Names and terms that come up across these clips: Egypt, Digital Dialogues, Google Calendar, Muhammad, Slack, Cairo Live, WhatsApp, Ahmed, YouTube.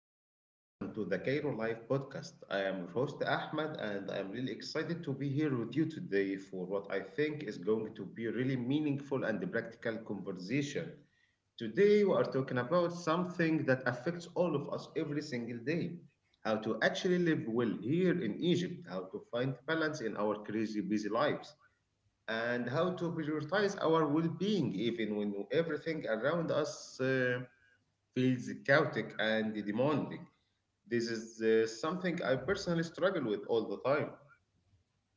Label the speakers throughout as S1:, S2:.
S1: everyone, and welcome to the Cairo Live podcast. I am your host Ahmed, and I'm really excited to be here with you today for what I think is going to be a really meaningful and practical conversation. Today, we are talking about something that affects all of us every single day, how to actually live well here in Egypt, how to find balance in our crazy busy lives, and how to prioritize our well being even when everything around us feels chaotic and demanding. This is something I personally struggle with all the time.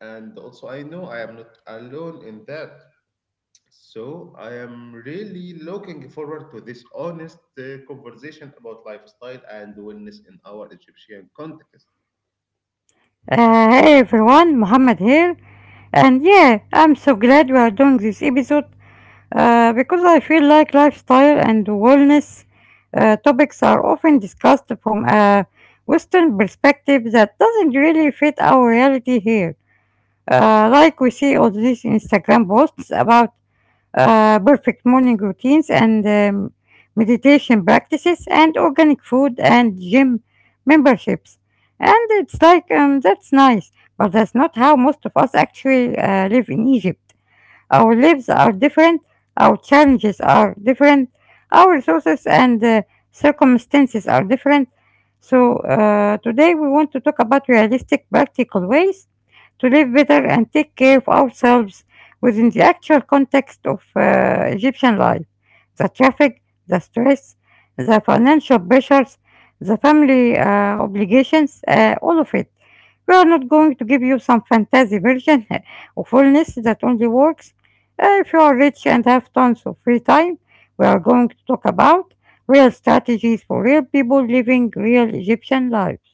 S1: And also, I know I am not alone in that. So, I am really looking forward to this honest conversation about lifestyle and wellness in our Egyptian context.
S2: Hey everyone, Muhammad here, and yeah, I'm so glad we are doing this episode because I feel like lifestyle and wellness topics are often discussed from a Western perspective that doesn't really fit our reality here. Like we see all these Instagram posts about perfect morning routines and meditation practices and organic food and gym memberships. And it's like, that's nice, but that's not how most of us actually live in Egypt. Our lives are different, our challenges are different, our resources and circumstances are different. So, today we want to talk about realistic, practical ways to live better and take care of ourselves within the actual context of Egyptian life, the traffic, the stress, the financial pressures, the family obligations, all of it. We are not going to give you some fantasy version of wellness that only works if you are rich and have tons of free time. We are going to talk about real strategies for real people living real Egyptian lives.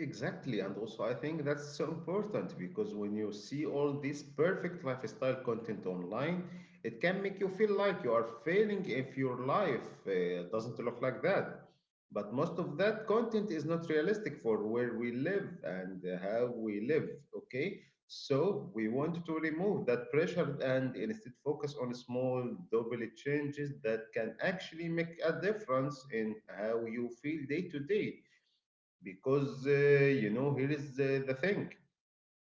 S1: Exactly, and also I think that's so important because when you see all this perfect lifestyle content online, it can make you feel like you are failing if your life doesn't look like that. But most of that content is not realistic for where we live and how we live, okay? So we want to remove that pressure and instead focus on small, double changes that can actually make a difference in how you feel day to day because you know here is the thing.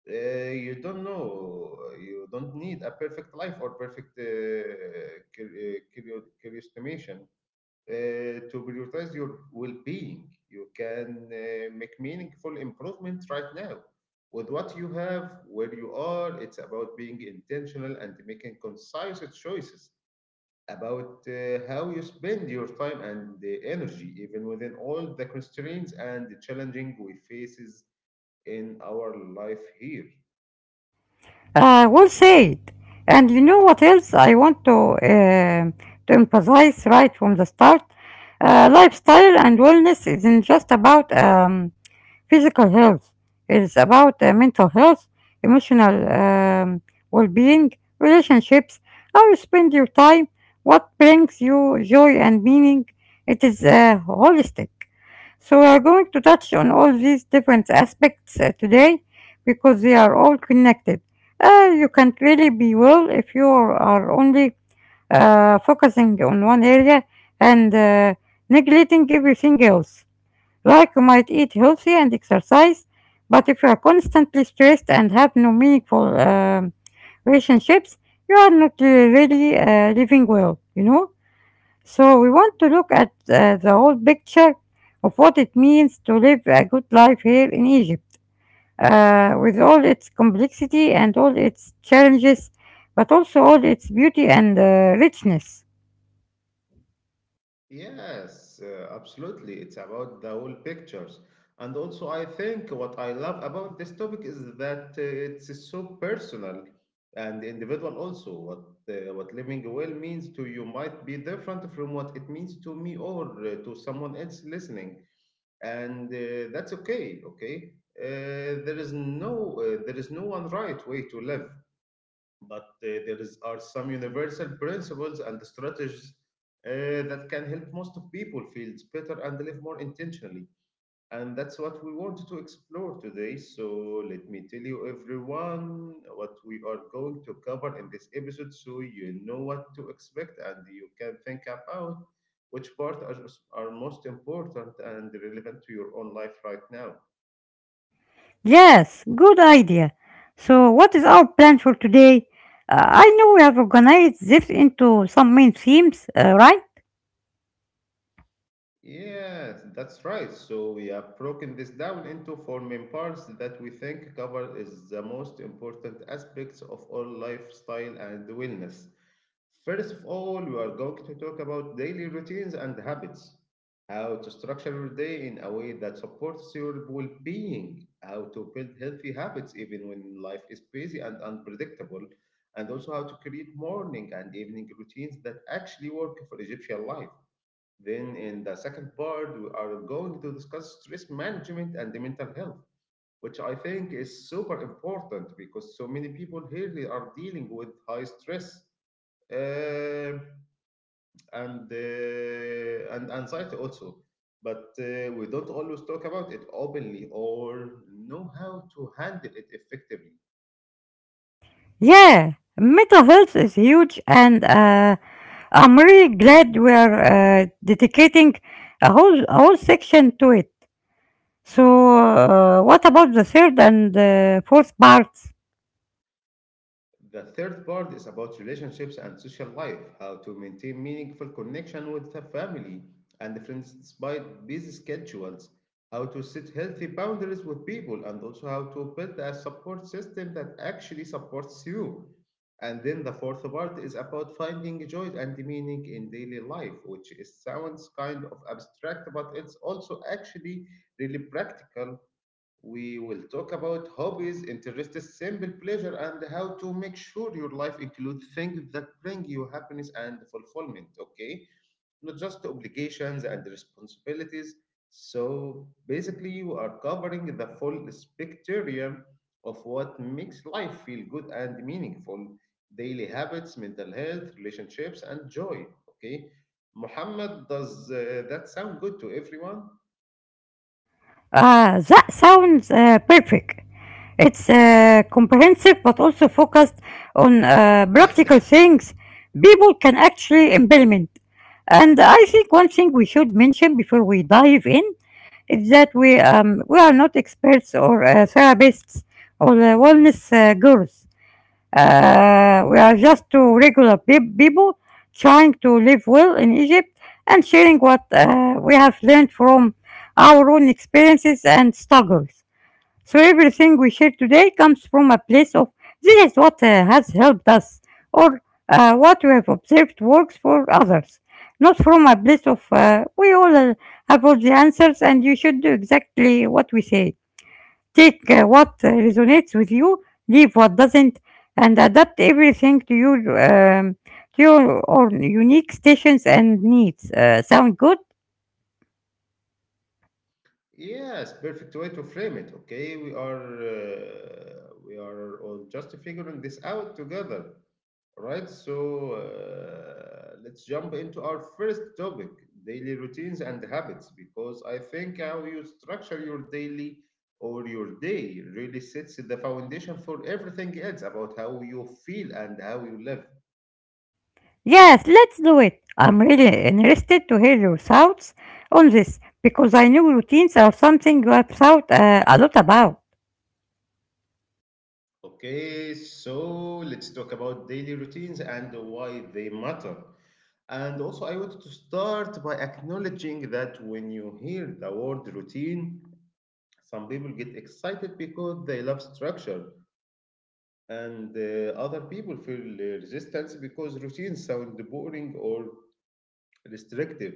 S1: You don't know, you don't need a perfect life or perfect curious estimation to prioritize your well-being. You can make meaningful improvement right now with what you have where you are. It's about being intentional and making concise choices about how you spend your time and the energy, even within all the constraints and the challenging we faces in our life here.
S2: Well said. And you know what else I want to um to emphasize right from the start? Lifestyle and wellness isn't just about physical health. It's about mental health, emotional, um, well-being, relationships, how you spend your time, what brings you joy and meaning. It is holistic. So we are going to touch on all these different aspects today because they are all connected. You can't really be well if you are only focusing on one area and neglecting everything else. Like you might eat healthy and exercise, but if you are constantly stressed and have no meaningful relationships, you are not really living well, you know? So we want to look at the whole picture of what it means to live a good life here in Egypt with all its complexity and all its challenges, but also all its beauty and richness.
S1: Yes, absolutely. It's about the whole pictures. And also, I think what I love about this topic is that it's so personal and individual also. What living well means to you might be different from what it means to me or to someone else listening. And that's okay, okay? There is no one right way to live, but are some universal principles and strategies uh, that can help most of people feel better and live more intentionally. And that's what we wanted to explore today. So let me tell you, everyone, what we are going to cover in this episode so you know what to expect and you can think about which part are most important and relevant to your own life right now.
S2: Yes, good idea. So, what is our plan for today? I know we have organized this into some main themes, right?
S1: Yes, that's right. So we have broken this down into four main parts that we think cover is the most important aspects of all lifestyle and wellness. First of all, we are going to talk about daily routines and habits. How to structure your day in a way that supports your well being. How to build healthy habits even when life is busy and unpredictable. And also how to create morning and evening routines that actually work for Egyptian life. Then, in the second part, we are going to discuss stress management and the mental health, which I think is super important because so many people here they are dealing with high stress uh, and anxiety also. But we don't always talk about it openly or know how to handle it effectively.
S2: Yeah, mental health is huge, and I'm really glad we are dedicating a whole section to it. So, what about the third and fourth parts?
S1: The third part is about relationships and social life, how to maintain meaningful connection with the family and friends despite busy schedules, how to set healthy boundaries with people, and also how to build a support system that actually supports you. And then the fourth part is about finding joy and meaning in daily life, which is sounds kind of abstract, but it's also actually really practical. We will talk about hobbies, interests, simple pleasure, and how to make sure your life includes things that bring you happiness and fulfillment, okay? Not just obligations and responsibilities. So basically, you are covering the full spectrum of what makes life feel good and meaningful, daily habits, mental health, relationships, and joy, okay? Muhammad, does that sound good to everyone?
S2: That sounds perfect. It's comprehensive but also focused on practical things people can actually implement. And I think one thing we should mention before we dive in is that we are not experts or therapists or wellness gurus. We are just two regular people trying to live well in Egypt and sharing what we have learned from our own experiences and struggles. So everything we share today comes from a place of, this is what has helped us or what we have observed works for others, not from a place of we all have all the answers and you should do exactly what we say. Take what resonates with you, leave what doesn't, and adapt everything um, to your own unique stations and needs. Sound good?
S1: Yes, perfect way to frame it. Okay, we are all just figuring this out together, right? So let's jump into our first topic: daily routines and habits, because I think how you structure your daily or your day really sets the foundation for everything else about how you feel and how you live.
S2: Yes, let's do it. I'm really interested to hear your thoughts on this because I know routines are something you have thought a lot about.
S1: Okay, so let's talk about daily routines and why they matter. And also, I wanted to start by acknowledging that when you hear the word routine, some people get excited because they love structure, and other people feel resistance because routines sound boring or restrictive,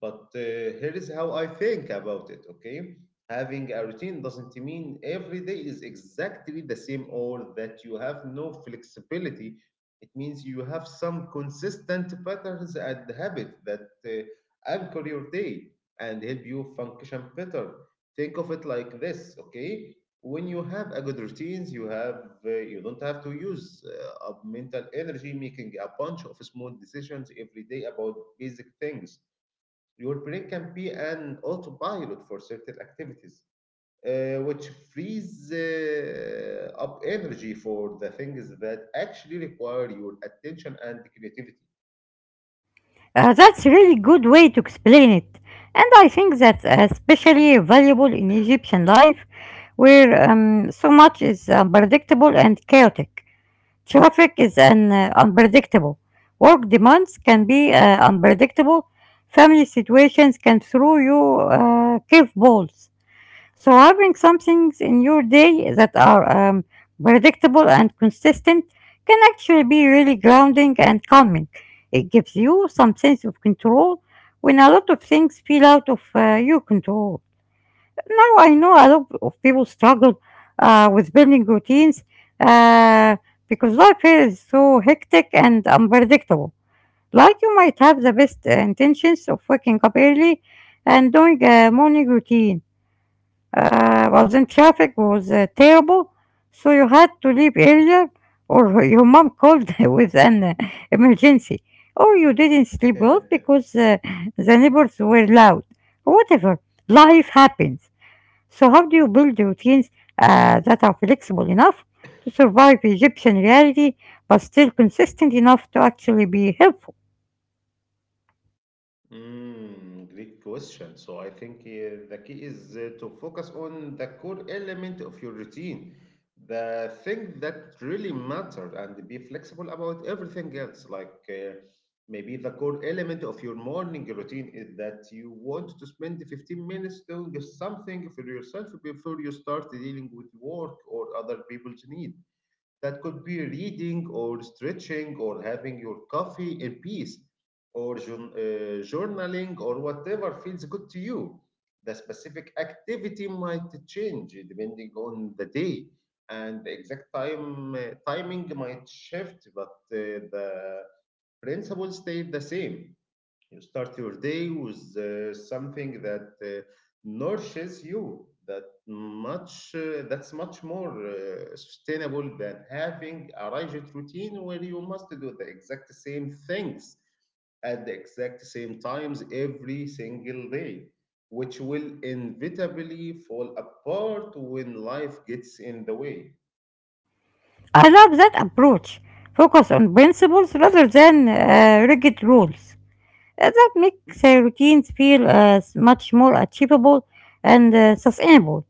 S1: but here is how I think about it, okay? Having a routine doesn't mean every day is exactly the same or that you have no flexibility. It means you have some consistent patterns and habits that anchor your day and help you function better. Think of it like this, okay? When you have a good routines, you don't have to use up mental energy making a bunch of small decisions every day about basic things. Your brain can be an autopilot for certain activities, which frees up energy for the things that actually require your attention and creativity.
S2: That's a really good way to explain it, and I think that's especially valuable in Egyptian life where so much is unpredictable and chaotic. Traffic is an unpredictable. Work demands can be unpredictable. Family situations can throw you curveballs. So having some things in your day that are predictable and consistent can actually be really grounding and calming. It gives you some sense of control when a lot of things feel out of your control. Now I know a lot of people struggle with building routines uh, because life here is so hectic and unpredictable. Like you might have the best intentions of waking up early and doing a morning routine, but then traffic was terrible, so you had to leave earlier, or your mom called with an emergency, or you didn't sleep well because the neighbors were loud. Whatever, life happens. So how do you build routines that are flexible enough to survive Egyptian reality but still consistent enough to actually be helpful?
S1: Mm, great question. So I think the key is to focus on the core element of your routine, the thing that really matters, and be flexible about everything else. Like maybe the core element of your morning routine is that you want to spend 15 minutes doing something for yourself before you start dealing with work or other people's needs. That could be reading or stretching or having your coffee in peace or journaling or whatever feels good to you. The specific activity might change depending on the day, and the exact time timing might shift, but the principles stay the same. You start your day with something that nourishes you. That's much more sustainable than having a rigid routine where you must do the exact same things at the exact same times every single day, which will inevitably fall apart when life gets in the way.
S2: I love that approach. Focus on principles rather than rigid rules. That makes routines feel much more achievable and sustainable.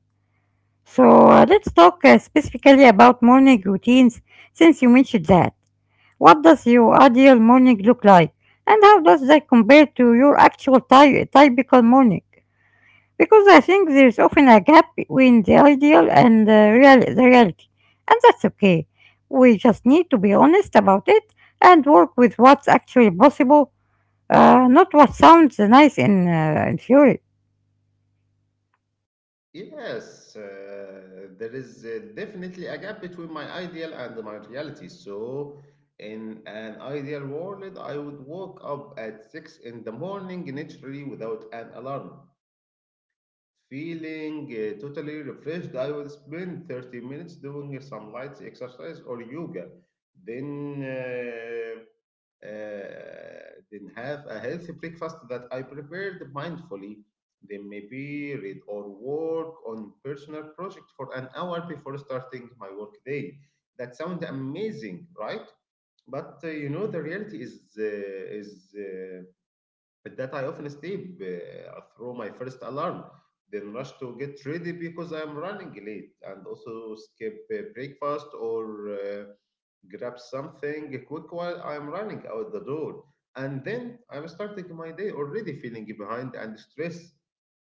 S2: So let's talk specifically about morning routines since you mentioned that. What does your ideal morning look like? And how does that compare to your actual typical morning? Because I think there's often a gap between the ideal and the reality. And that's okay. We just need to be honest about it and work with what's actually possible, not what sounds nice in theory.
S1: Yes, there is definitely a gap between my ideal and my reality. So, in an ideal world, I would wake up at 6 in the morning naturally without an alarm. Feeling totally refreshed, I will spend 30 minutes doing some light exercise or yoga. Then uh, uh, then have a healthy breakfast that I prepared mindfully. Then maybe read or work on personal project for an hour before starting my work day. That sounds amazing, right? But you know the reality is with that, I often sleep through my first alarm, then rush to get ready because I am running late, and also skip breakfast or grab something quick while I am running out the door. And then I'm starting my day already feeling behind and stressed.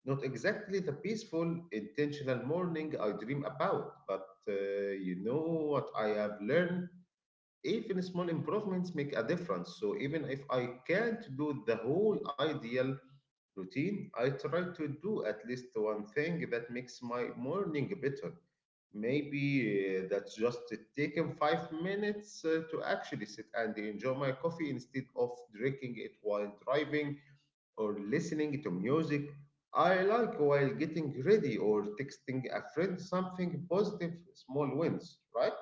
S1: Not exactly the peaceful, intentional morning I dream about, but you know what I have learned? Even small improvements make a difference. So even if I can't do the whole ideal routine, I try to do at least one thing that makes my morning better. Maybe that's just taking 5 minutes to actually sit and enjoy my coffee instead of drinking it while driving or listening to music. I like while getting ready or texting a friend something positive, small wins, right?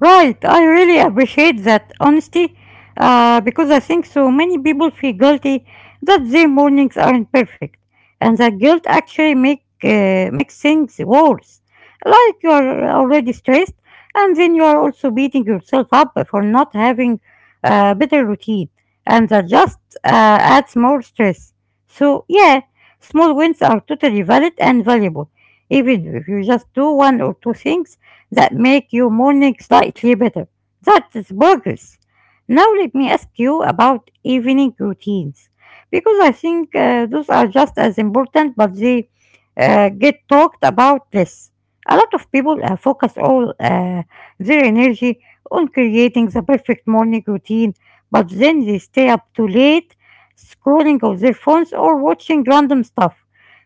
S2: Right, I really appreciate that honesty because I think so many people feel guilty that their mornings aren't perfect, and that guilt actually makes things worse. Like you are already stressed, and then you are also beating yourself up for not having a better routine, and that just adds more stress. So yeah, small wins are totally valid and valuable, even if you just do one or two things that make your morning slightly better. That is progress. Now let me ask you about evening routines because I think those are just as important, but they get talked about less. A lot of people focus all their energy on creating the perfect morning routine, but then they stay up too late, scrolling on their phones or watching random stuff,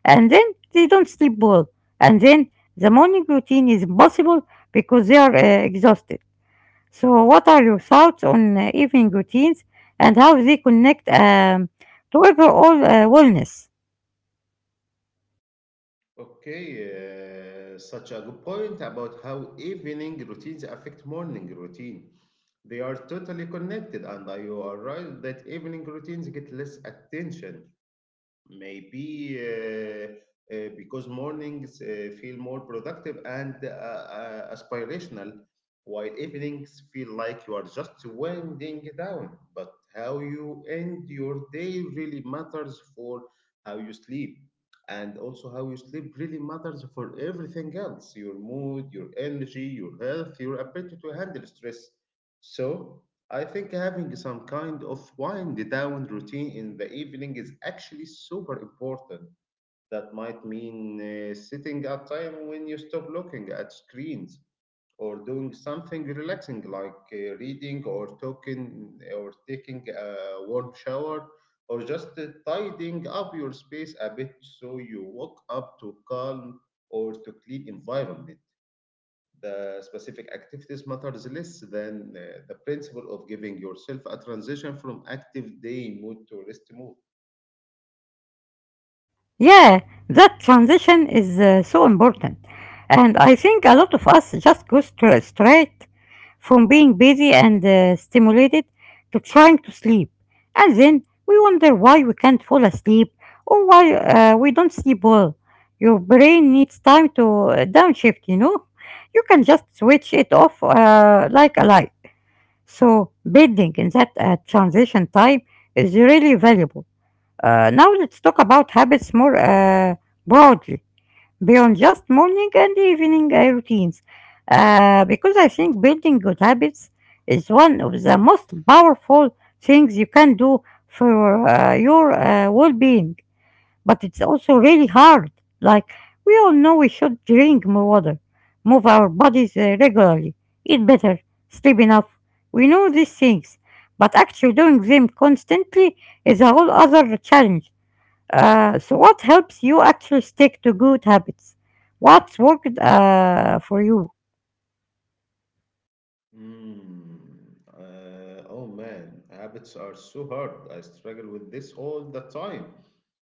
S2: and then they don't sleep well, and then the morning routine is impossible because they are exhausted. So, what are your thoughts on evening routines and how they connect to overall wellness?
S1: Okay, such a good point about how evening routines affect morning routine. They are totally connected, and you are right that evening routines get less attention maybe because mornings feel more productive and aspirational, while evenings feel like you are just winding down. But how you end your day really matters for how you sleep. And also, how you sleep really matters for everything else, your mood, your energy, your health, your ability to handle stress. So, I think having some kind of wind down routine in the evening is actually super important. That might mean sitting at time when you stop looking at screens or doing something relaxing like reading or talking or taking a warm shower or just tidying up your space a bit so you wake up to calm or to clean environment. The specific activities matters less than the principle of giving yourself a transition from active day mood to rest mood.
S2: Yeah, that transition is so important. And I think a lot of us just go straight from being busy and stimulated to trying to sleep. And then we wonder why we can't fall asleep or why we don't sleep well. Your brain needs time to downshift, you know? You can just switch it off like a light. So, bedding in that transition time is really valuable. Now let's talk about habits more broadly, beyond just morning and evening routines, because I think building good habits is one of the most powerful things you can do for your well-being. But it's also really hard. Like we all know, we should drink more water, move our bodies regularly, eat better, sleep enough. We know these things, but actually doing them constantly is a whole other challenge, so, what helps you actually stick to good habits? What's worked for you?
S1: Mm, oh man, habits are so hard. I struggle with this all the time.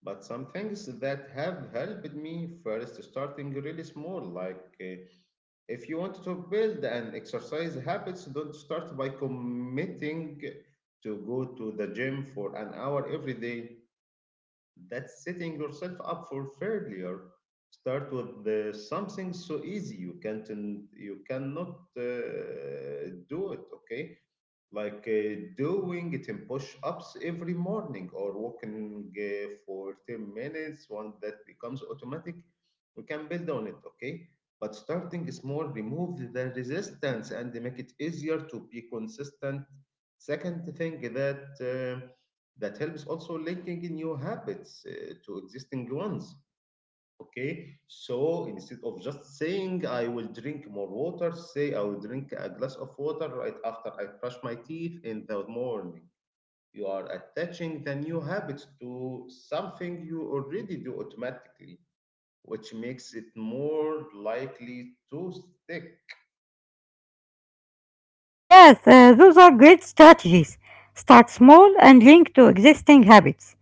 S1: But some things that have helped me, first starting really small, like if you want to build an exercise habits, don't start by committing to go to the gym for an hour every day. That's setting yourself up for failure. Start with something so easy you cannot do it. Okay, like doing 10 push-ups every morning or walking for 10 minutes. Once that becomes automatic, we can build on it. Okay, but starting small remove the resistance and make it easier to be consistent. Second thing that helps also, linking new habits to existing ones. Okay, so instead of just saying I will drink more water, say I will drink a glass of water right after I brush my teeth in the morning. You are attaching the new habit to something you already do automatically, which makes it more likely to stick.
S2: Yes, those are great strategies. Start small and link to existing habits.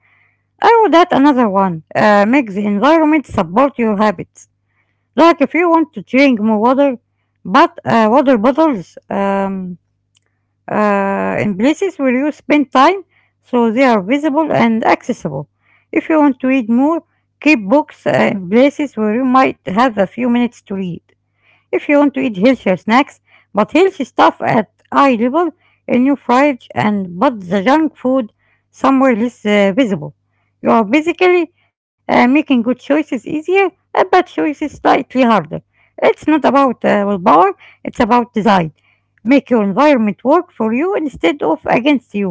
S2: I would add another one. Make the environment support your habits. Like if you want to drink more water, but water bottles in places where you spend time so they are visible and accessible. If you want to read more, keep books in places where you might have a few minutes to read. If you want to eat healthier snacks, but healthy stuff at eye level in your fridge and put the junk food somewhere less visible. You are basically making good choices easier and bad choices slightly harder. It's not about willpower, it's about design. Make your environment work for you instead of against you,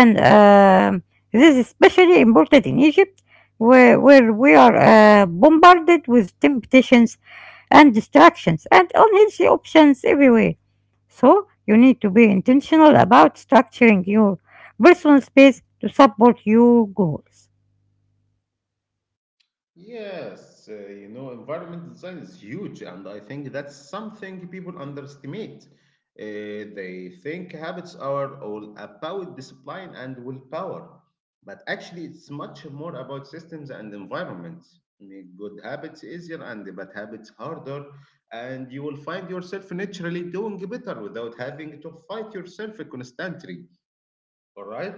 S2: and this is especially important in Egypt, where we are bombarded with temptations and distractions and unhealthy options everywhere. So, you need to be intentional about structuring your personal space to support your goals.
S1: Yes, you know, environment design is huge, and I think that's something people underestimate. They think habits are all about discipline and willpower, but actually, it's much more about systems and environment. Make good habits easier and bad habits harder, and you will find yourself naturally doing better without having to fight yourself constantly. All right,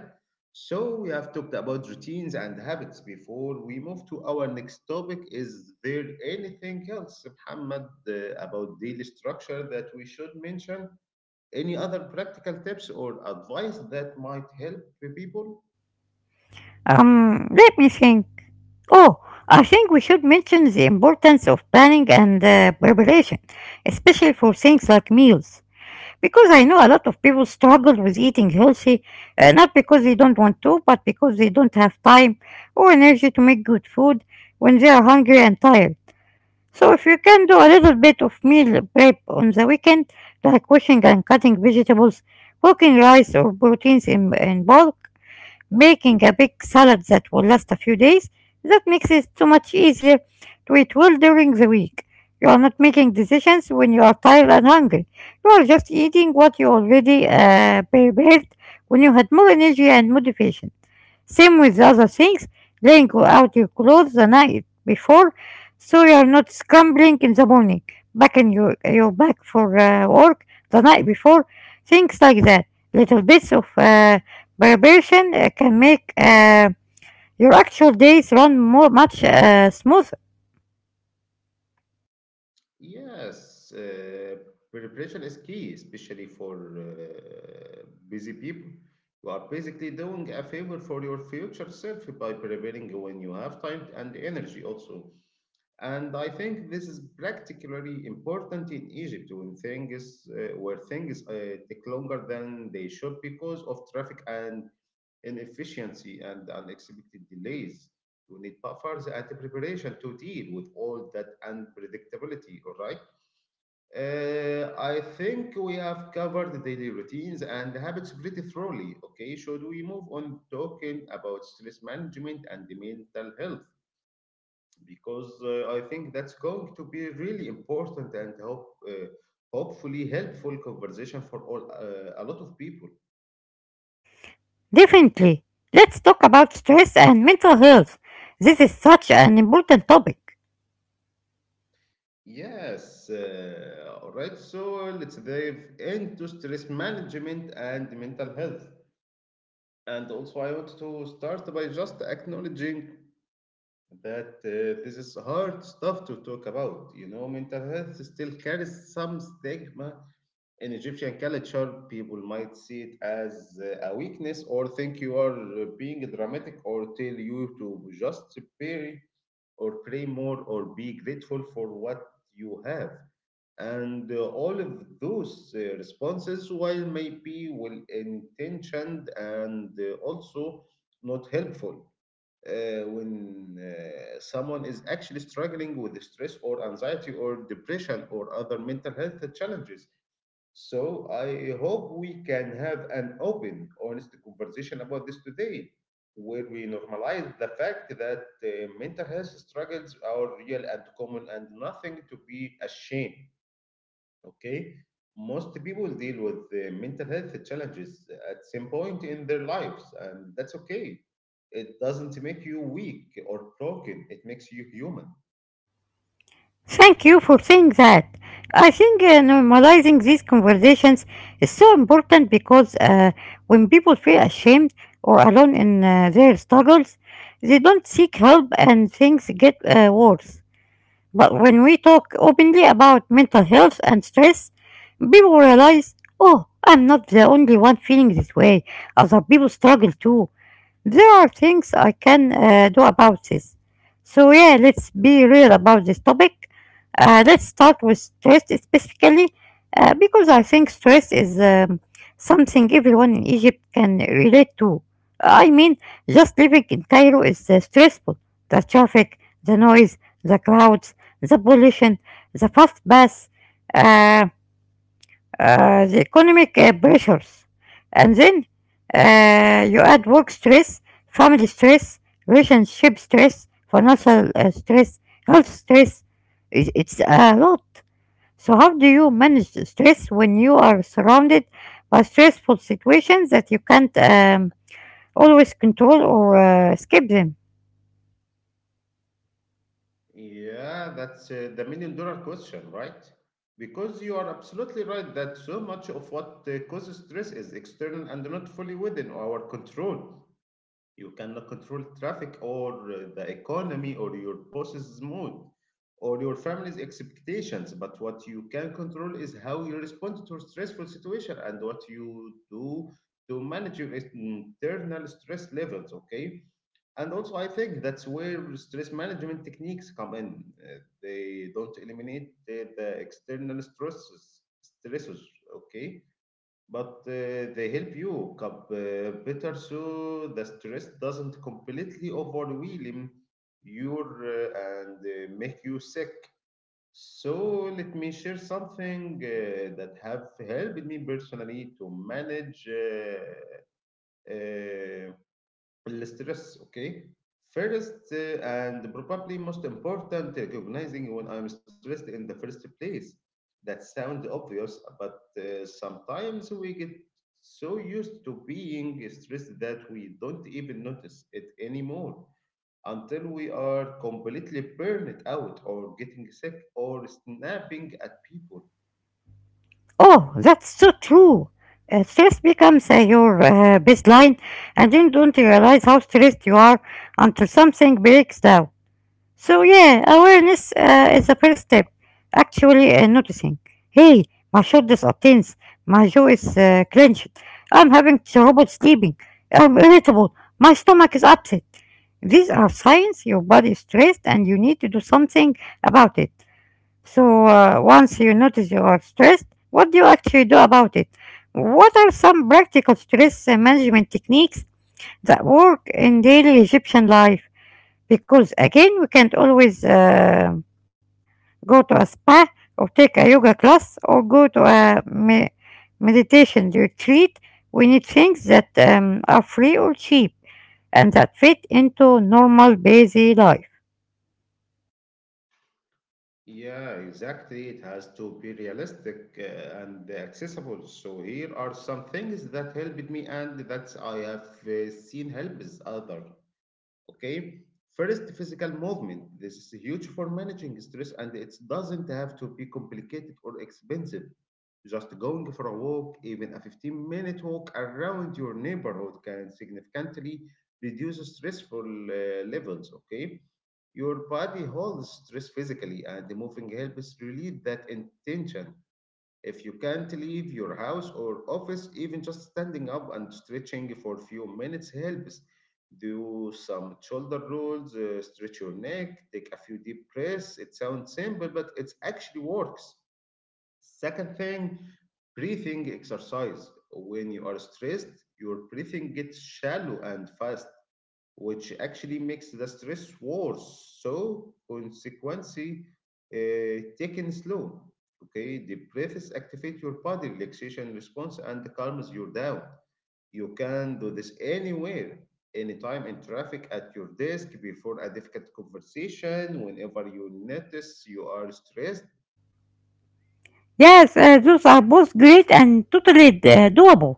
S1: so we have talked about routines and habits. Before we move to our next topic, is there anything else, Muhammad, about daily structure that we should mention? Any other practical tips or advice that might help the people?
S2: Let me think. Oh, I think we should mention the importance of planning and preparation, especially for things like meals. Because I know a lot of people struggle with eating healthy, not because they don't want to, but because they don't have time or energy to make good food when they are hungry and tired. So if you can do a little bit of meal prep on the weekend, like washing and cutting vegetables, cooking rice or proteins in bulk, baking a big salad that will last a few days, that makes it so much easier to eat well during the week. You are not making decisions when you are tired and hungry. You are just eating what you already prepared when you had more energy and motivation. Same with other things, laying out your clothes the night before so you're not scrambling in the morning, packing your bag for work the night before, things like that. Little bits of preparation can make your actual days run more much smoother.
S1: Yes, preparation is key, especially for busy people. You are basically doing a favor for your future self by preparing when you have time and energy also. And I think this is particularly important in Egypt when things take longer than they should because of traffic and inefficiency, and unexpected delays. You need buffers and preparation to deal with all that unpredictability, all right? I think we have covered the daily routines and habits pretty thoroughly, okay? Should we move on talking about stress management and the mental health? Because I think that's going to be really important and hopefully helpful conversation for all a lot of people.
S2: Definitely. Let's talk about stress and mental health. This is such an important topic.
S1: Yes, all right. So let's dive into stress management and mental health. And also, I want to start by just acknowledging that this is hard stuff to talk about. You know, mental health still carries some stigma in Egyptian culture. People might see it as a weakness or think you are being dramatic or tell you to just pray or pray more or be grateful for what you have, and all of those responses, while maybe well intentioned and also not helpful when someone is actually struggling with stress or anxiety or depression or other mental health challenges. So I hope we can have an open, honest conversation about this today, where we normalize the fact that mental health struggles are real and common and nothing to be ashamed. Okay, most people deal with mental health challenges at some point in their lives, and that's okay. It doesn't make you weak or broken. It makes you human.
S2: Thank you for saying that. I think normalizing these conversations is so important because when people feel ashamed or alone in their struggles, they don't seek help and things get worse. But when we talk openly about mental health and stress, people realize, oh, I'm not the only one feeling this way. Other people struggle too. There are things I can do about this. So, yeah, let's be real about this topic. Let's start with stress specifically, because I think stress is something everyone in Egypt can relate to. I mean, just living in Cairo is stressful. The traffic, the noise, the crowds, the pollution, the fast bus. uh, the economic pressures. And then you add work stress, family stress, relationship stress, financial stress, health stress. It's a lot. So, how do you manage the stress when you are surrounded by stressful situations that you can't always control or escape them?
S1: Yeah, that's the million-dollar question, right? Because you are absolutely right that so much of what causes stress is external and not fully within our control. You cannot control traffic or the economy or your boss's mood or your family's expectations. But what you can control is how you respond to a stressful situation and what you do to manage your internal stress levels. Okay. And also, I think that's where stress management techniques come in. They don't eliminate the external stresses, stressors, okay? But they help you cope better so the stress doesn't completely overwhelm you and make you sick. So let me share something that have helped me personally to manage uh, stress, okay? First, and probably most important, recognizing when I'm stressed in the first place. That sounds obvious, but sometimes we get so used to being stressed that we don't even notice it anymore until we are completely burned out or getting sick or snapping at people.
S2: Oh, that's so true. Stress becomes your baseline, and you don't realize how stressed you are until something breaks down. So, yeah, awareness is the first step. Actually, noticing hey, my shoulders are tense, my jaw is clenched, I'm having trouble sleeping, I'm irritable, my stomach is upset. These are signs your body is stressed and you need to do something about it. So, once you notice you are stressed, what do you actually do about it? What are some practical stress management techniques that work in daily Egyptian life? Because again, we can't always go to a spa or take a yoga class or go to a meditation retreat. We need things that are free or cheap and that fit into normal busy life.
S1: Yeah, exactly. It has to be realistic and accessible. So here are some things that helped me and that I have seen helps other. Okay, first, physical movement. This is huge for managing stress, and it doesn't have to be complicated or expensive. Just going for a walk, even a 15-minute walk around your neighborhood, can significantly reduce stressful levels. Okay, your body holds stress physically, and the moving helps relieve that intention. If you can't leave your house or office, even just standing up and stretching for a few minutes helps. Do some shoulder rolls, stretch your neck, take a few deep breaths. It sounds simple, but it actually works. Second thing, breathing exercise. When you are stressed, your breathing gets shallow and fast, which actually makes the stress worse. So, consequently, taken slow. Okay, the breaths activate your body relaxation response and calms you down. You can do this anywhere, anytime, in traffic, at your desk, before a difficult conversation, whenever you notice you are stressed.
S2: Yes, those are both great and totally doable.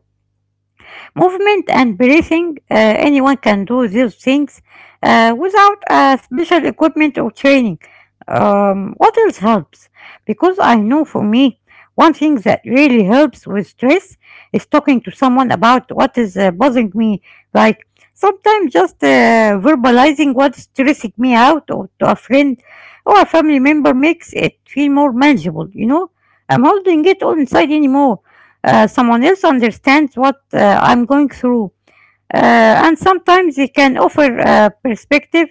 S2: Movement and breathing, anyone can do these things without special equipment or training. What else helps? Because I know for me, one thing that really helps with stress is talking to someone about what is bothering me. Like sometimes just verbalizing what's stressing me out or to a friend or a family member makes it feel more manageable, you know? I'm holding it all inside anymore someone else understands what I'm going through. And sometimes they can offer a perspective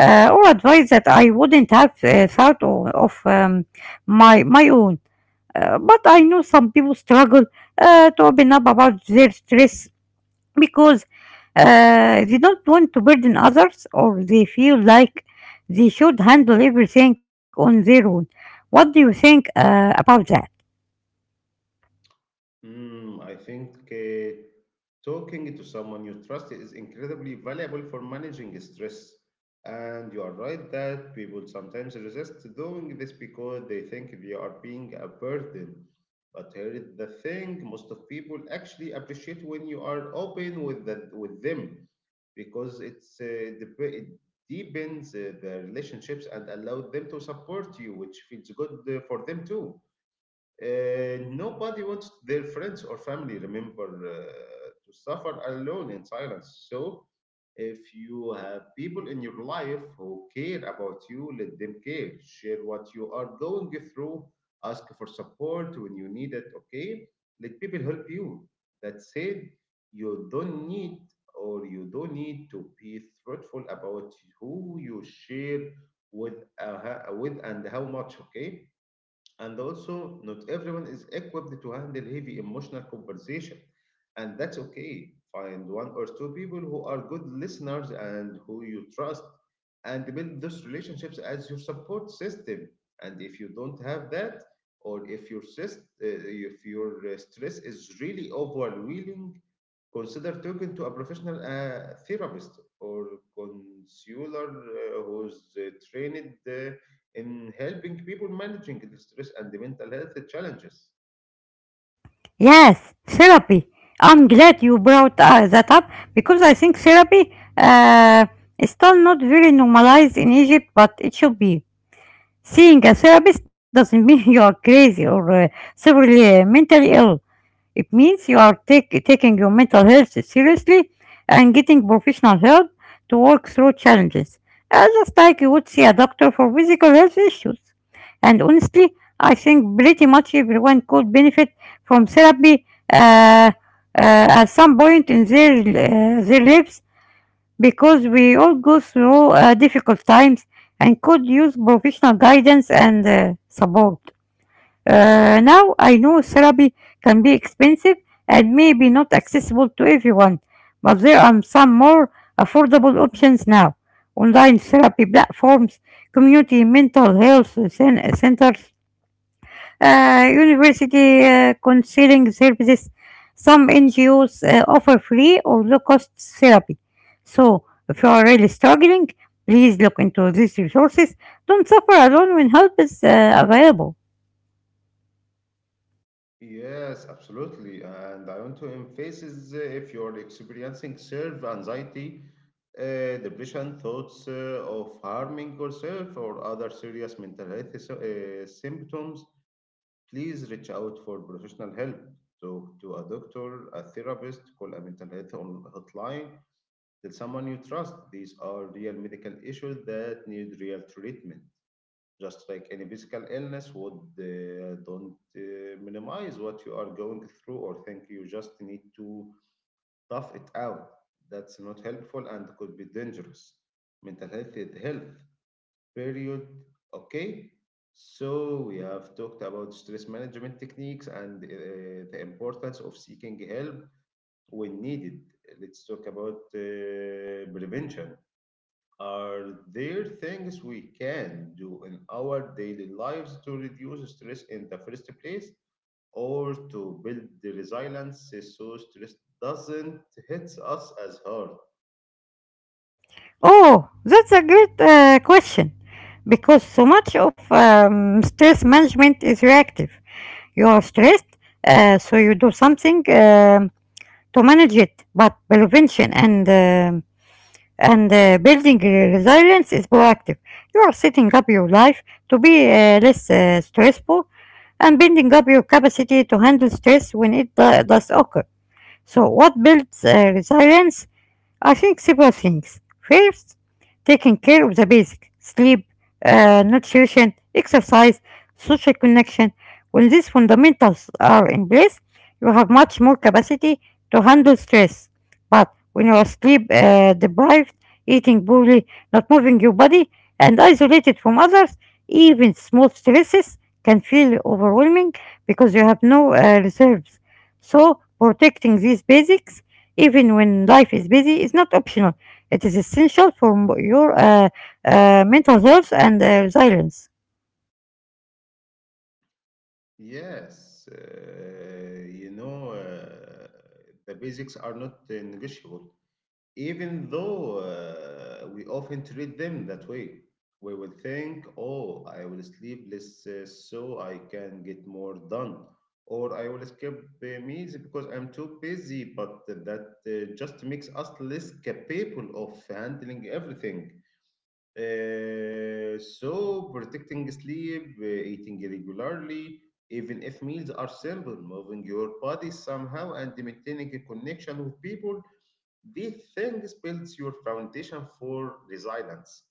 S2: or advice that I wouldn't have thought of my own. But I know some people struggle to open up about their stress because they don't want to burden others or they feel like they should handle everything on their own. What do you think about that?
S1: Mm, I think talking to someone you trust is incredibly valuable for managing stress. And you are right that people sometimes resist doing this because they think they are being a burden. But here is the thing, most of people actually appreciate when you are open with them because it deepens the relationships and allow them to support you, which feels good for them too. Nobody wants their friends or family, remember, to suffer alone in silence. So, if you have people in your life who care about you, let them care. Share what you are going through. Ask for support when you need it, okay? Let people help you. That said, you don't need you don't need to be thoughtful about who you share with and how much, okay? And also, not everyone is equipped to handle heavy emotional conversation, and that's okay. Find one or two people who are good listeners and who you trust, and build those relationships as your support system. And if you don't have that, or if your stress is really overwhelming, consider talking to a professional therapist or counselor who's trained in helping people managing the stress and the mental health challenges.
S2: Yes, therapy. I'm glad you brought that up because I think therapy is still not very normalized in Egypt, but it should be. Seeing a therapist doesn't mean you are crazy or severely mentally ill. It means you are taking your mental health seriously and getting professional help to work through challenges, just like you would see a doctor for physical health issues. And honestly, I think pretty much everyone could benefit from therapy uh, uh, at some point in their lives because we all go through difficult times and could use professional guidance and support. Now I know therapy can be expensive and maybe not accessible to everyone, but there are some more affordable options now. Online therapy platforms, community mental health centers, university counseling services. Some NGOs offer free or low cost therapy. So if you are really struggling, please look into these resources. Don't suffer alone when help is available.
S1: Yes, absolutely. And I want to emphasize, if you're experiencing self anxiety, depression, thoughts of harming yourself or other serious mental health symptoms, please reach out for professional help. Talk to a doctor, a therapist, call a mental health hotline, tell someone you trust. These are real medical issues that need real treatment, just like any physical illness would. Don't minimize what you are going through or think you just need to tough it out. That's not helpful and could be dangerous. Mental health is health, period. Okay, so we have talked about stress management techniques and the importance of seeking help when needed. Let's talk about prevention. Are there things we can do in our daily lives to reduce stress in the first place or to build the resilience so stress doesn't hit us as hard?
S2: Oh, that's a great question because so much of stress management is reactive. You are stressed, so you do something to manage it. But prevention and building resilience is proactive. You are setting up your life to be less stressful and building up your capacity to handle stress when it does occur. So, what builds resilience I think several things. First, taking care of the basic sleep, nutrition, exercise, social connection. When these fundamentals are in place, you have much more capacity to handle stress. But when you are sleep deprived, eating poorly, not moving your body, and isolated from others, even small stresses can feel overwhelming because you have no reserves. So, protecting these basics even when life is busy, it's not optional. It is essential for your mental health and resilience.
S1: Yes, you know, the basics are not negotiable, even though we often treat them that way. We will think, oh, I will sleep less so I can get more done, or I will skip meals because I'm too busy, but that just makes us less capable of handling everything. So protecting sleep, eating regularly, even if meals are simple, moving your body somehow, and maintaining a connection with people, these things builds your foundation for resilience.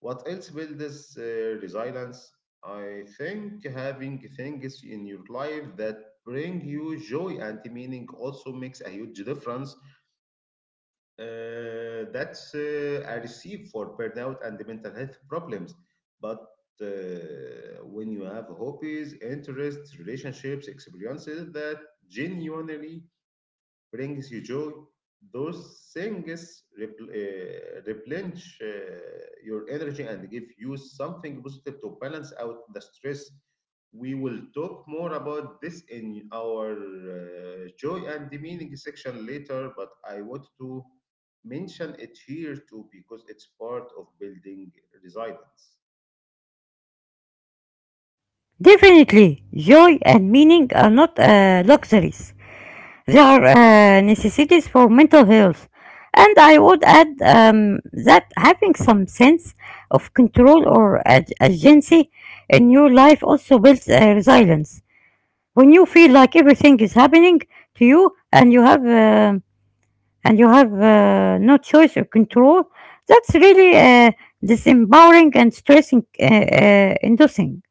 S1: What else builds resilience? I think having things in your life that bring you joy and meaning also makes a huge difference that's I receive for burnout and the mental health problems. But when you have hobbies, interests, relationships, experiences that genuinely brings you joy, those things replenish your energy and give you something positive to balance out the stress. We will talk more about this in our joy and the meaning section later, but I want to mention it here too because it's part of building resilience.
S2: Definitely, joy and meaning are not luxuries. They are necessities for mental health. And I would add that having some sense of control or agency in your life also builds resilience. When you feel like everything is happening to you and you have no choice or control, that's really disempowering and stressing, inducing.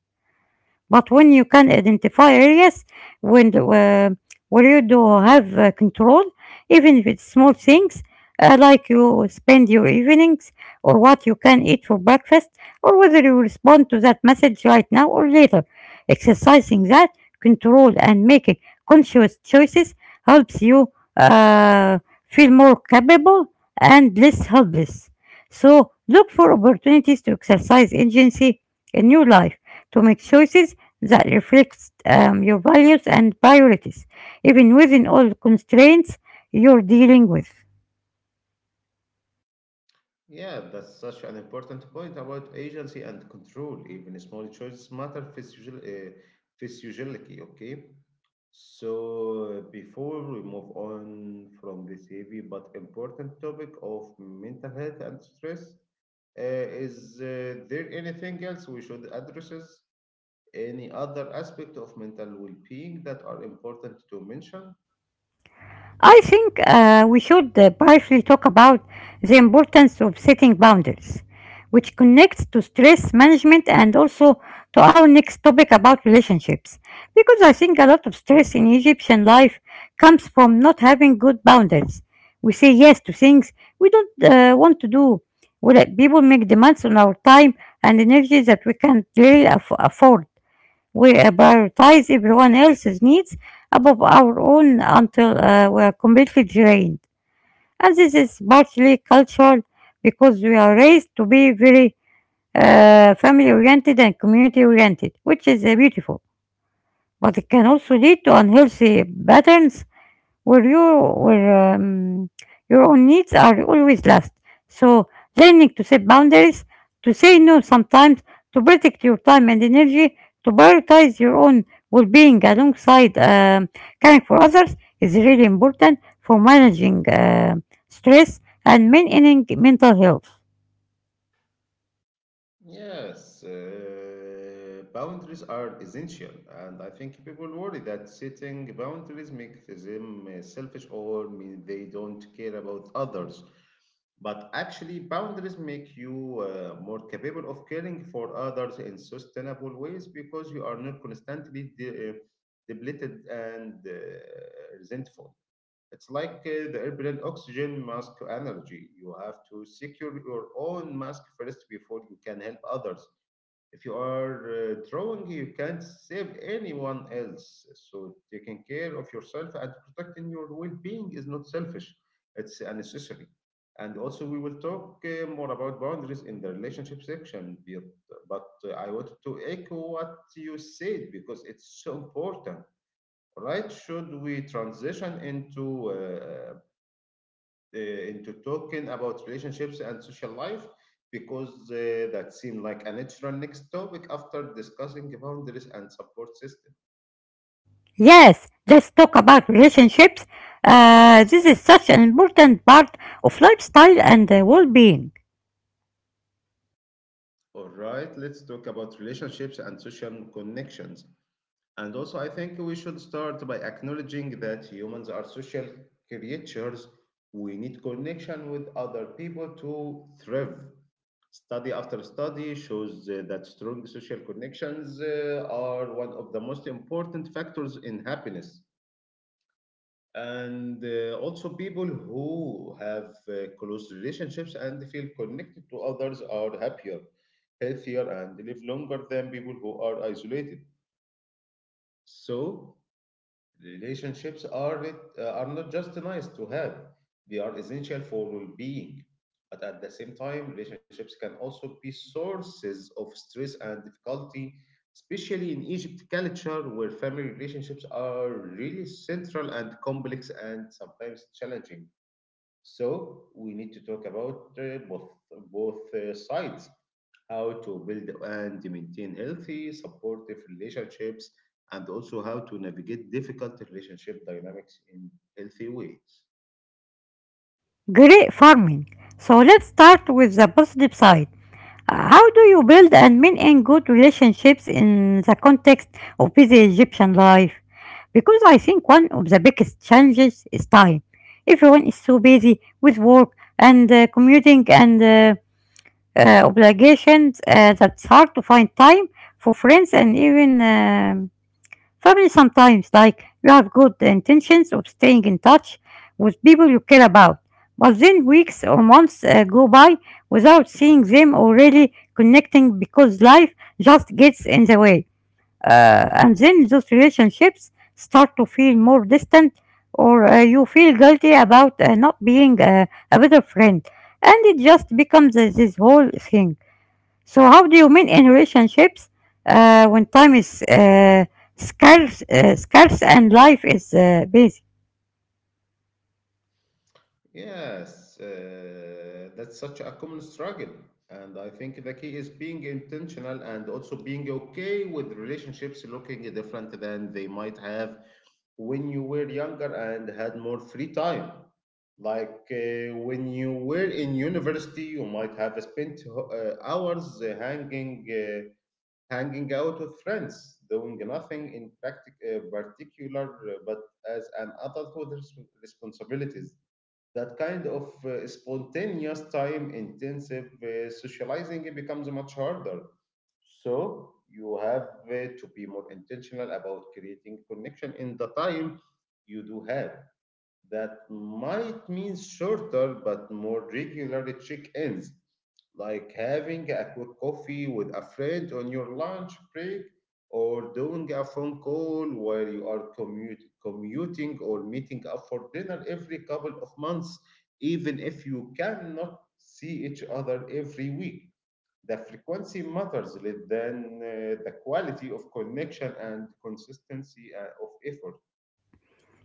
S2: But when you can identify areas when the, uh, where you do have control, even if it's small things, like you spend your evenings or what you can eat for breakfast, or whether you respond to that message right now or later. Exercising that control and making conscious choices helps you uh, feel more capable and less helpless. So look for opportunities to exercise agency in your life, to make choices that reflects your values and priorities, even within all the constraints you're dealing with.
S1: Yeah, that's such an important point about agency and control. Even small choices matter physiologically, okay? So, before we move on from this heavy but important topic of mental health and stress, is there anything else we should address? Any other aspect of mental well being that are important to mention?
S2: I think we should briefly talk about the importance of setting boundaries, which connects to stress management and also to our next topic about relationships. Because I think a lot of stress in Egyptian life comes from not having good boundaries. We say yes to things we don't want to do. We let people make demands on our time and energy that we can't really afford. We prioritize everyone else's needs above our own until we are completely drained. And this is partly cultural because we are raised to be very family oriented and community oriented, which is beautiful. But it can also lead to unhealthy patterns where you where your own needs are always last. So learning to set boundaries, to say no sometimes, to protect your time and energy, to prioritize your own well-being alongside caring for others is really important for managing stress and maintaining mental health.
S1: Yes, boundaries are essential, and I think people worry that setting boundaries makes them selfish or mean they don't care about others. But actually, boundaries make you more capable of caring for others in sustainable ways because you are not constantly depleted and resentful. It's like the airplane oxygen mask analogy. You have to secure your own mask first before you can help others. If you are drowning, you can't save anyone else. So taking care of yourself and protecting your well-being is not selfish; it's necessary. And also, we will talk more about boundaries in the relationship section. But I wanted to echo what you said because it's so important. Right, should we transition into talking about relationships and social life because that seemed like a natural next topic after discussing boundaries and support systems.
S2: Yes, let's talk about relationships. This is such an important part of lifestyle and well-being.
S1: All right, let's talk about relationships and social connections. And also, I think we should start by acknowledging that humans are social creatures. We need connection with other people to thrive. Study after study shows that strong social connections are one of the most important factors in happiness. And also, people who have close relationships and feel connected to others are happier, healthier, and live longer than people who are isolated. So, relationships are not just nice to have; they are essential for well-being. But at the same time, relationships can also be sources of stress and difficulty, especially in Egypt culture, where family relationships are really central and complex and sometimes challenging. So we need to talk about both both sides, how to build and maintain healthy, supportive relationships, and also how to navigate difficult relationship dynamics in healthy ways.
S2: Great farming. So let's start with the positive side. How do you build and maintain good relationships in the context of busy Egyptian life? Because I think one of the biggest challenges is time. Everyone is so busy with work and commuting and obligations that it's hard to find time for friends and even family sometimes. Like you have good intentions of staying in touch with people you care about, but then weeks or months go by without seeing them or really connecting because life just gets in the way. And then those relationships start to feel more distant or you feel guilty about not being a better friend. And it just becomes this whole thing. So how do you mean in relationships when time is scarce and life is busy?
S1: Yes, that's such a common struggle. And I think the key is being intentional and also being okay with relationships looking different than they might have when you were younger and had more free time. Like when you were in university, you might have spent hours hanging out with friends, doing nothing in particular. But as an adult with responsibilities, that kind of spontaneous time intensive socializing it becomes much harder, so you have to be more intentional about creating connection in the time you do have. That might mean shorter but more regular check-ins, like having a quick coffee with a friend on your lunch break or doing a phone call while you are commuting, or meeting up for dinner every couple of months, even if you cannot see each other every week. The frequency matters less than the quality of connection and consistency of effort.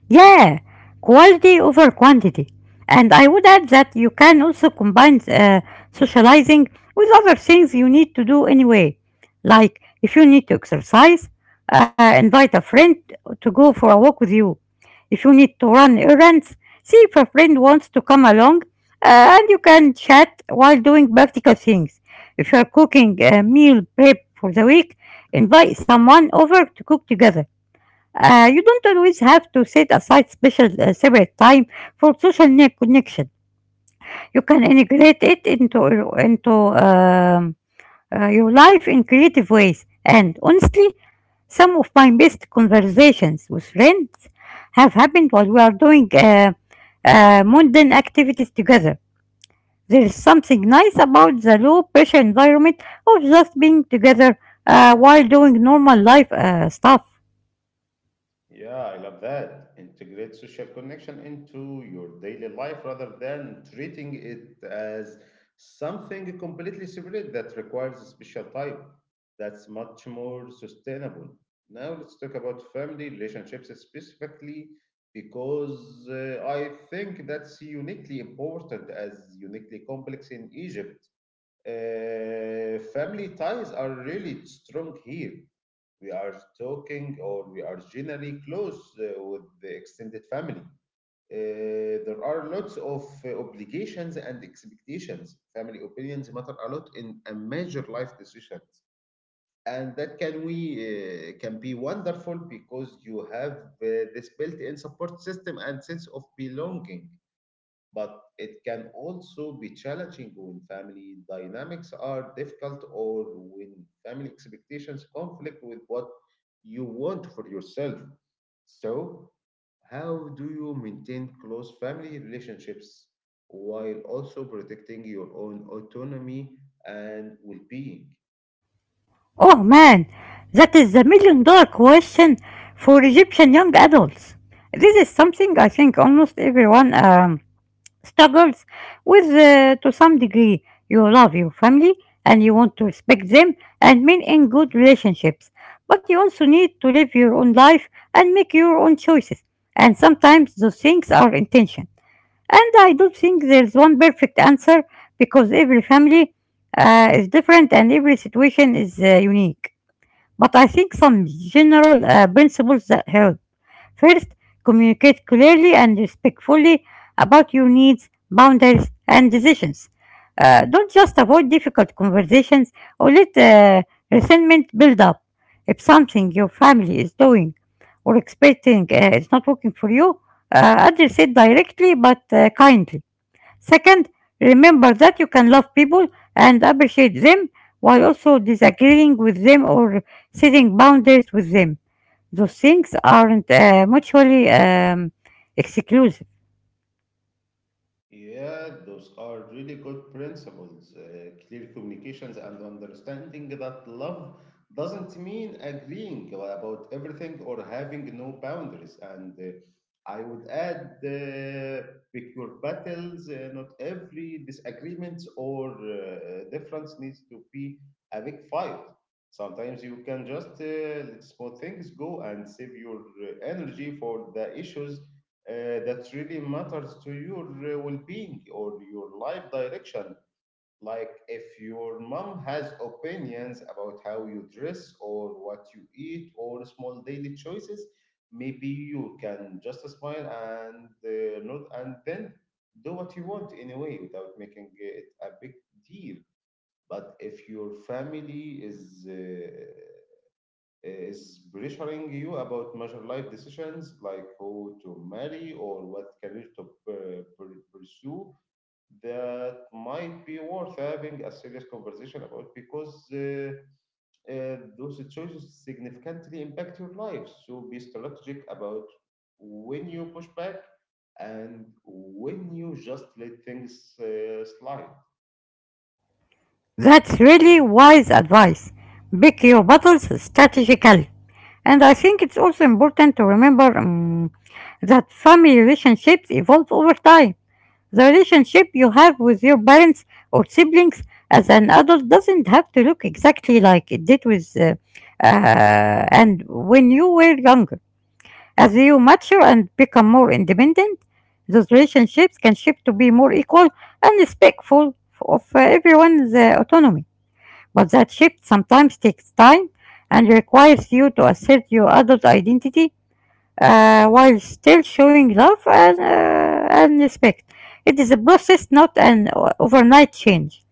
S2: Yeah, quality over quantity. And I would add that you can also combine socializing with other things you need to do anyway. Like if you need to exercise, invite a friend to go for a walk with you. If you need to run errands, see if a friend wants to come along and you can chat while doing practical things. If you are cooking a meal prep for the week, invite someone over to cook together. You don't always have to set aside special separate time for social connection. You can integrate it into um, your life in creative ways. And honestly, some of my best conversations with friends have happened while we are doing mundane activities together. There is something nice about the low pressure environment of just being together while doing normal life stuff.
S1: Yeah, I love that. Integrate social connection into your daily life rather than treating it as something completely separate that requires a special type. That's much more sustainable. Now let's talk about family relationships specifically because I think that's uniquely important as uniquely complex in Egypt. Family ties are really strong here. We are talking, or we are generally close with the extended family. There are lots of obligations and expectations. Family opinions matter a lot in a major life decisions, and that can be wonderful because you have this built-in support system and sense of belonging, but it can also be challenging when family dynamics are difficult or when family expectations conflict with what you want for yourself. So, how do you maintain close family relationships while also protecting your own autonomy and well being?
S2: Oh man, that is the million dollar question for Egyptian young adults. This is something I think almost everyone struggles with to some degree. You love your family and you want to respect them and mean in good relationships, but you also need to live your own life and make your own choices. And sometimes those things are intention. And I don't think there's one perfect answer because every family is different and every situation is unique. But I think some general principles that help. First, communicate clearly and respectfully about your needs, boundaries, and decisions. Don't just avoid difficult conversations or let resentment build up. If something your family is doing or expecting is not working for you, address it directly but kindly. Second, remember that you can love people and appreciate them while also disagreeing with them or setting boundaries with them. Those things aren't mutually exclusive.
S1: Yeah, those are really good principles. Clear communications and understanding that love doesn't mean agreeing about everything or having no boundaries. And I would add, pick your battles. Not every disagreement or difference needs to be a big fight. Sometimes you can just let small things go and save your energy for the issues that really matters to your well-being or your life direction. Like if your mom has opinions about how you dress or what you eat or small daily choices, maybe you can just smile and not and then do what you want anyway without making it a big deal. But if your family is pressuring you about major life decisions like who to marry or what career to pursue, that might be worth having a serious conversation about because those choices significantly impact your life. So be strategic about when you push back and when you just let things slide.
S2: That's really wise advice. Pick your battles strategically. And I think it's also important to remember that family relationships evolve over time. The relationship you have with your parents or siblings as an adult doesn't have to look exactly like it did with and when you were younger. As you mature and become more independent, those relationships can shift to be more equal and respectful of everyone's autonomy. But that shift sometimes takes time and requires you to assert your adult identity while still showing love and respect. It is a process, not an overnight change.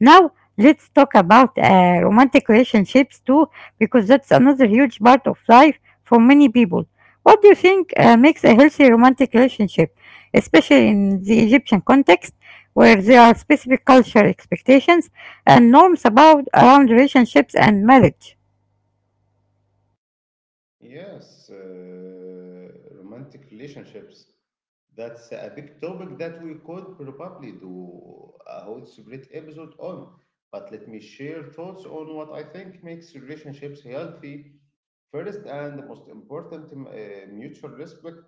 S2: Now let's talk about romantic relationships too, because that's another huge part of life for many people. What do you think makes a healthy romantic relationship, especially in the Egyptian context, where there are specific cultural expectations and norms about around relationships and marriage?
S1: Yes, romantic relationships. That's a big topic that we could probably do a whole separate episode on. But let me share thoughts on what I think makes relationships healthy. First and the most important, mutual respect.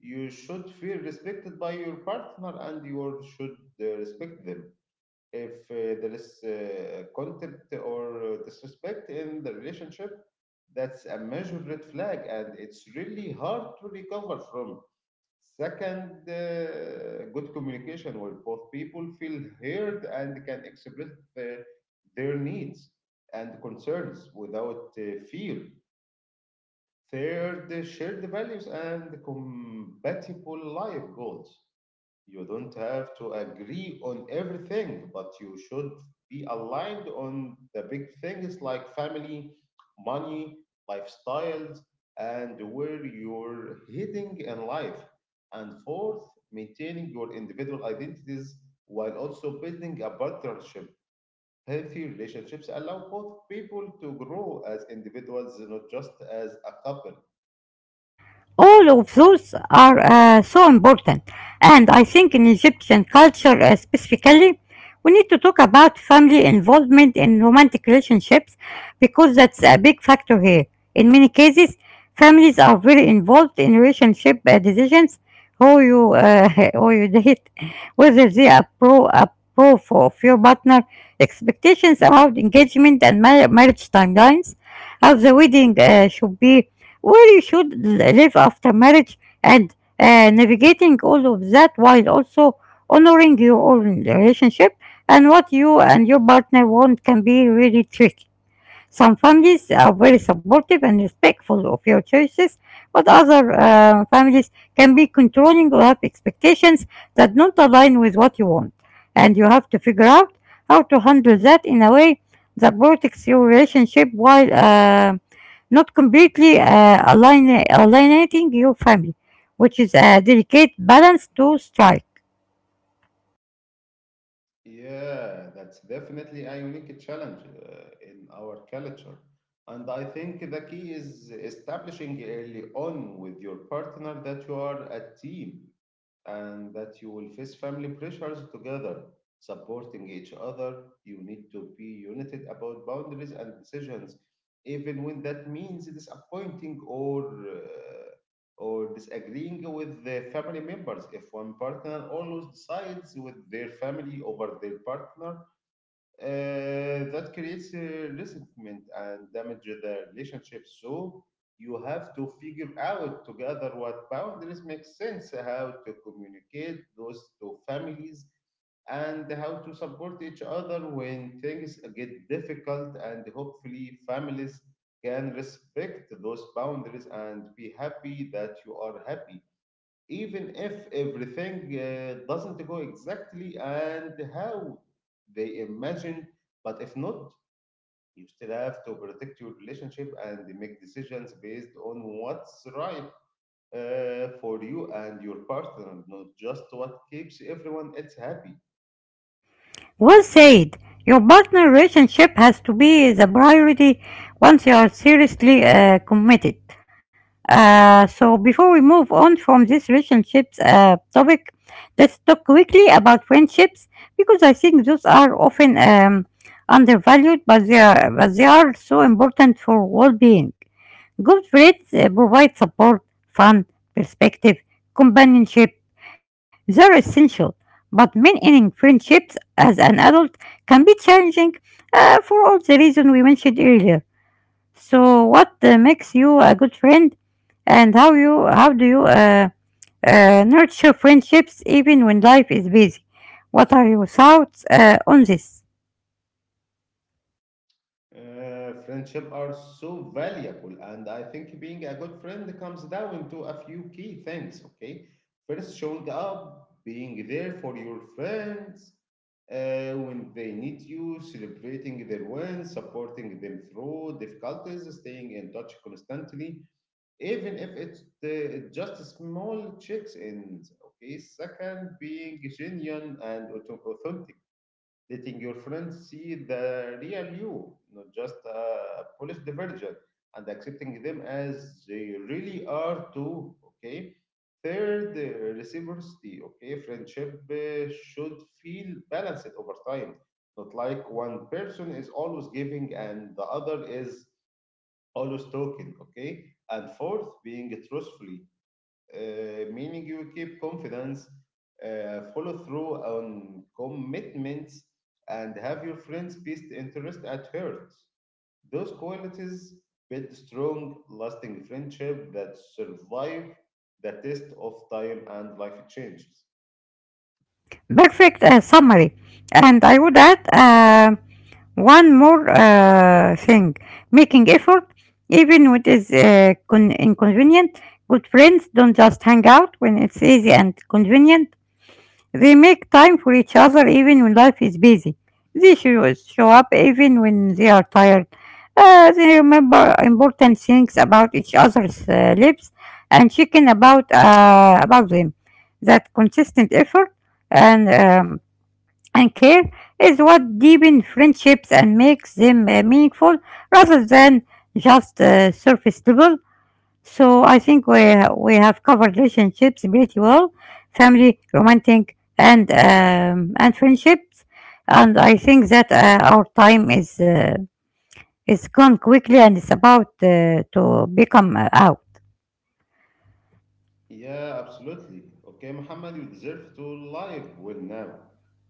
S1: You should feel respected by your partner, and you should respect them. If there is contempt or disrespect in the relationship, that's a major red flag and it's really hard to recover from. Second, good communication where both people feel heard and can express uh, their needs and concerns without fear. Third, shared values and compatible life goals. You don't have to agree on everything, but you should be aligned on the big things like family, money, lifestyles, and where you're heading in life. And fourth, maintaining your individual identities while also building a partnership. Healthy relationships allow both people to grow as individuals, not just as a couple.
S2: All of those are so important. And I think in Egyptian culture specifically, we need to talk about family involvement in romantic relationships because that's a big factor here. In many cases, families are very involved in relationship decisions, who you, uh, who you date, whether they approve of your partner, expectations around engagement and marriage timelines, how the wedding should be where you should live after marriage and navigating all of that while also honoring your own relationship and what you and your partner want can be really tricky. Some families are very supportive and respectful of your choices, but other families can be controlling or have expectations that don't align with what you want. And you have to figure out how to handle that in a way that protects your relationship while not completely alienating your family, which is a delicate balance to strike.
S1: Yeah, that's definitely a unique challenge in our culture. And I think the key is establishing early on with your partner that you are a team and that you will face family pressures together, supporting each other. You need to be united about boundaries and decisions, even when that means disappointing or disagreeing with the family members. If one partner always decides with their family over their partner, that creates a resentment and damage the relationship. So you have to figure out together what boundaries make sense, how to communicate those two families, and how to support each other when things get difficult. And hopefully, families can respect those boundaries and be happy that you are happy, even if everything doesn't go exactly and how they imagine. But if not, you still have to protect your relationship and make decisions based on what's right for you and your partner, not just what keeps everyone else happy.
S2: Well said. Your partner relationship has to be the priority once you are seriously committed. So, before we move on from this relationships topic, let's talk quickly about friendships because I think those are often undervalued, but they are so important for well being. Good friends provide support, fun, perspective, companionship. They're essential, but maintaining friendships as an adult can be challenging for all the reasons we mentioned earlier. So, what makes you a good friend, and how do you nurture friendships even when life is busy? What are your thoughts on this?
S1: Friendship are so valuable, and I think being a good friend comes down to a few key things. Okay, first, showing up, being there for your friends when they need you, celebrating their wins, supporting them through difficulties, staying in touch constantly, even if it's just small checks in. Okay, second, being genuine and authentic, letting your friends see the real you, not just a polished version, and accepting them as they really are too. Okay. Third, reciprocity. Okay, friendship should feel balanced over time, not like one person is always giving and the other is always talking. Okay, and fourth, being truthful, meaning you keep confidence, follow through on commitments, and have your friend's best interest at heart. Those qualities build strong, lasting friendship that survive the test of time and life changes.
S2: Perfect summary, and I would add one more thing: making effort, even when it is inconvenient. Good friends don't just hang out when it's easy and convenient, they make time for each other even when life is busy. They show up even when they are tired. They remember important things about each other's lives and chicken about them. That consistent effort and um, and care is what deepens friendships and makes them meaningful rather than just surface level. So I think we have covered relationships pretty well, family, romantic, and friendships, and I think that our time is gone quickly and it's about to become out.
S1: Yeah, absolutely. Okay, Muhammad, you deserve to live well now.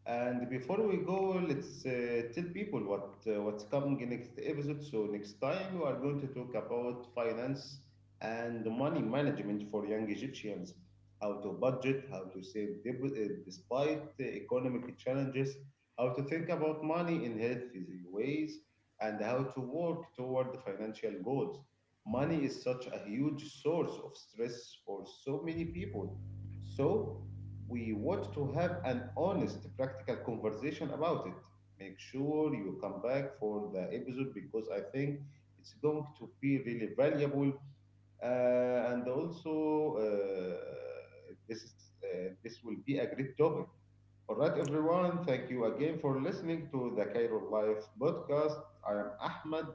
S1: And before we go, let's tell people what what's coming in next episode. So next time we are going to talk about finance and money management for young Egyptians, how to budget, how to save despite the economic challenges, how to think about money in healthy ways, and how to work toward financial goals. Money is such a huge source of stress for so many people. So, we want to have an honest, practical conversation about it. Make sure you come back for the episode because I think it's going to be really valuable. And also, this will be a great topic. All right, everyone. Thank you again for listening to the Cairo Life podcast. I am Ahmed,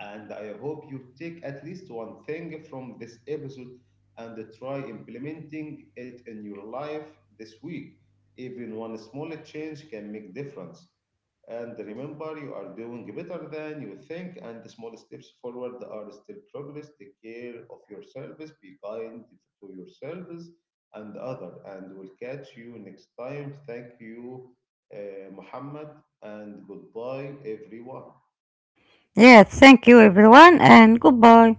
S1: and I hope you take at least one thing from this episode and try implementing it in your life this week. Even one small change can make difference. And remember, you are doing better than you think, and the small steps forward are still progress. Take care of yourselves, be kind to yourselves and others, and we'll catch you next time. Thank you, Muhammad, and goodbye, everyone.
S2: Yeah, thank you everyone and goodbye.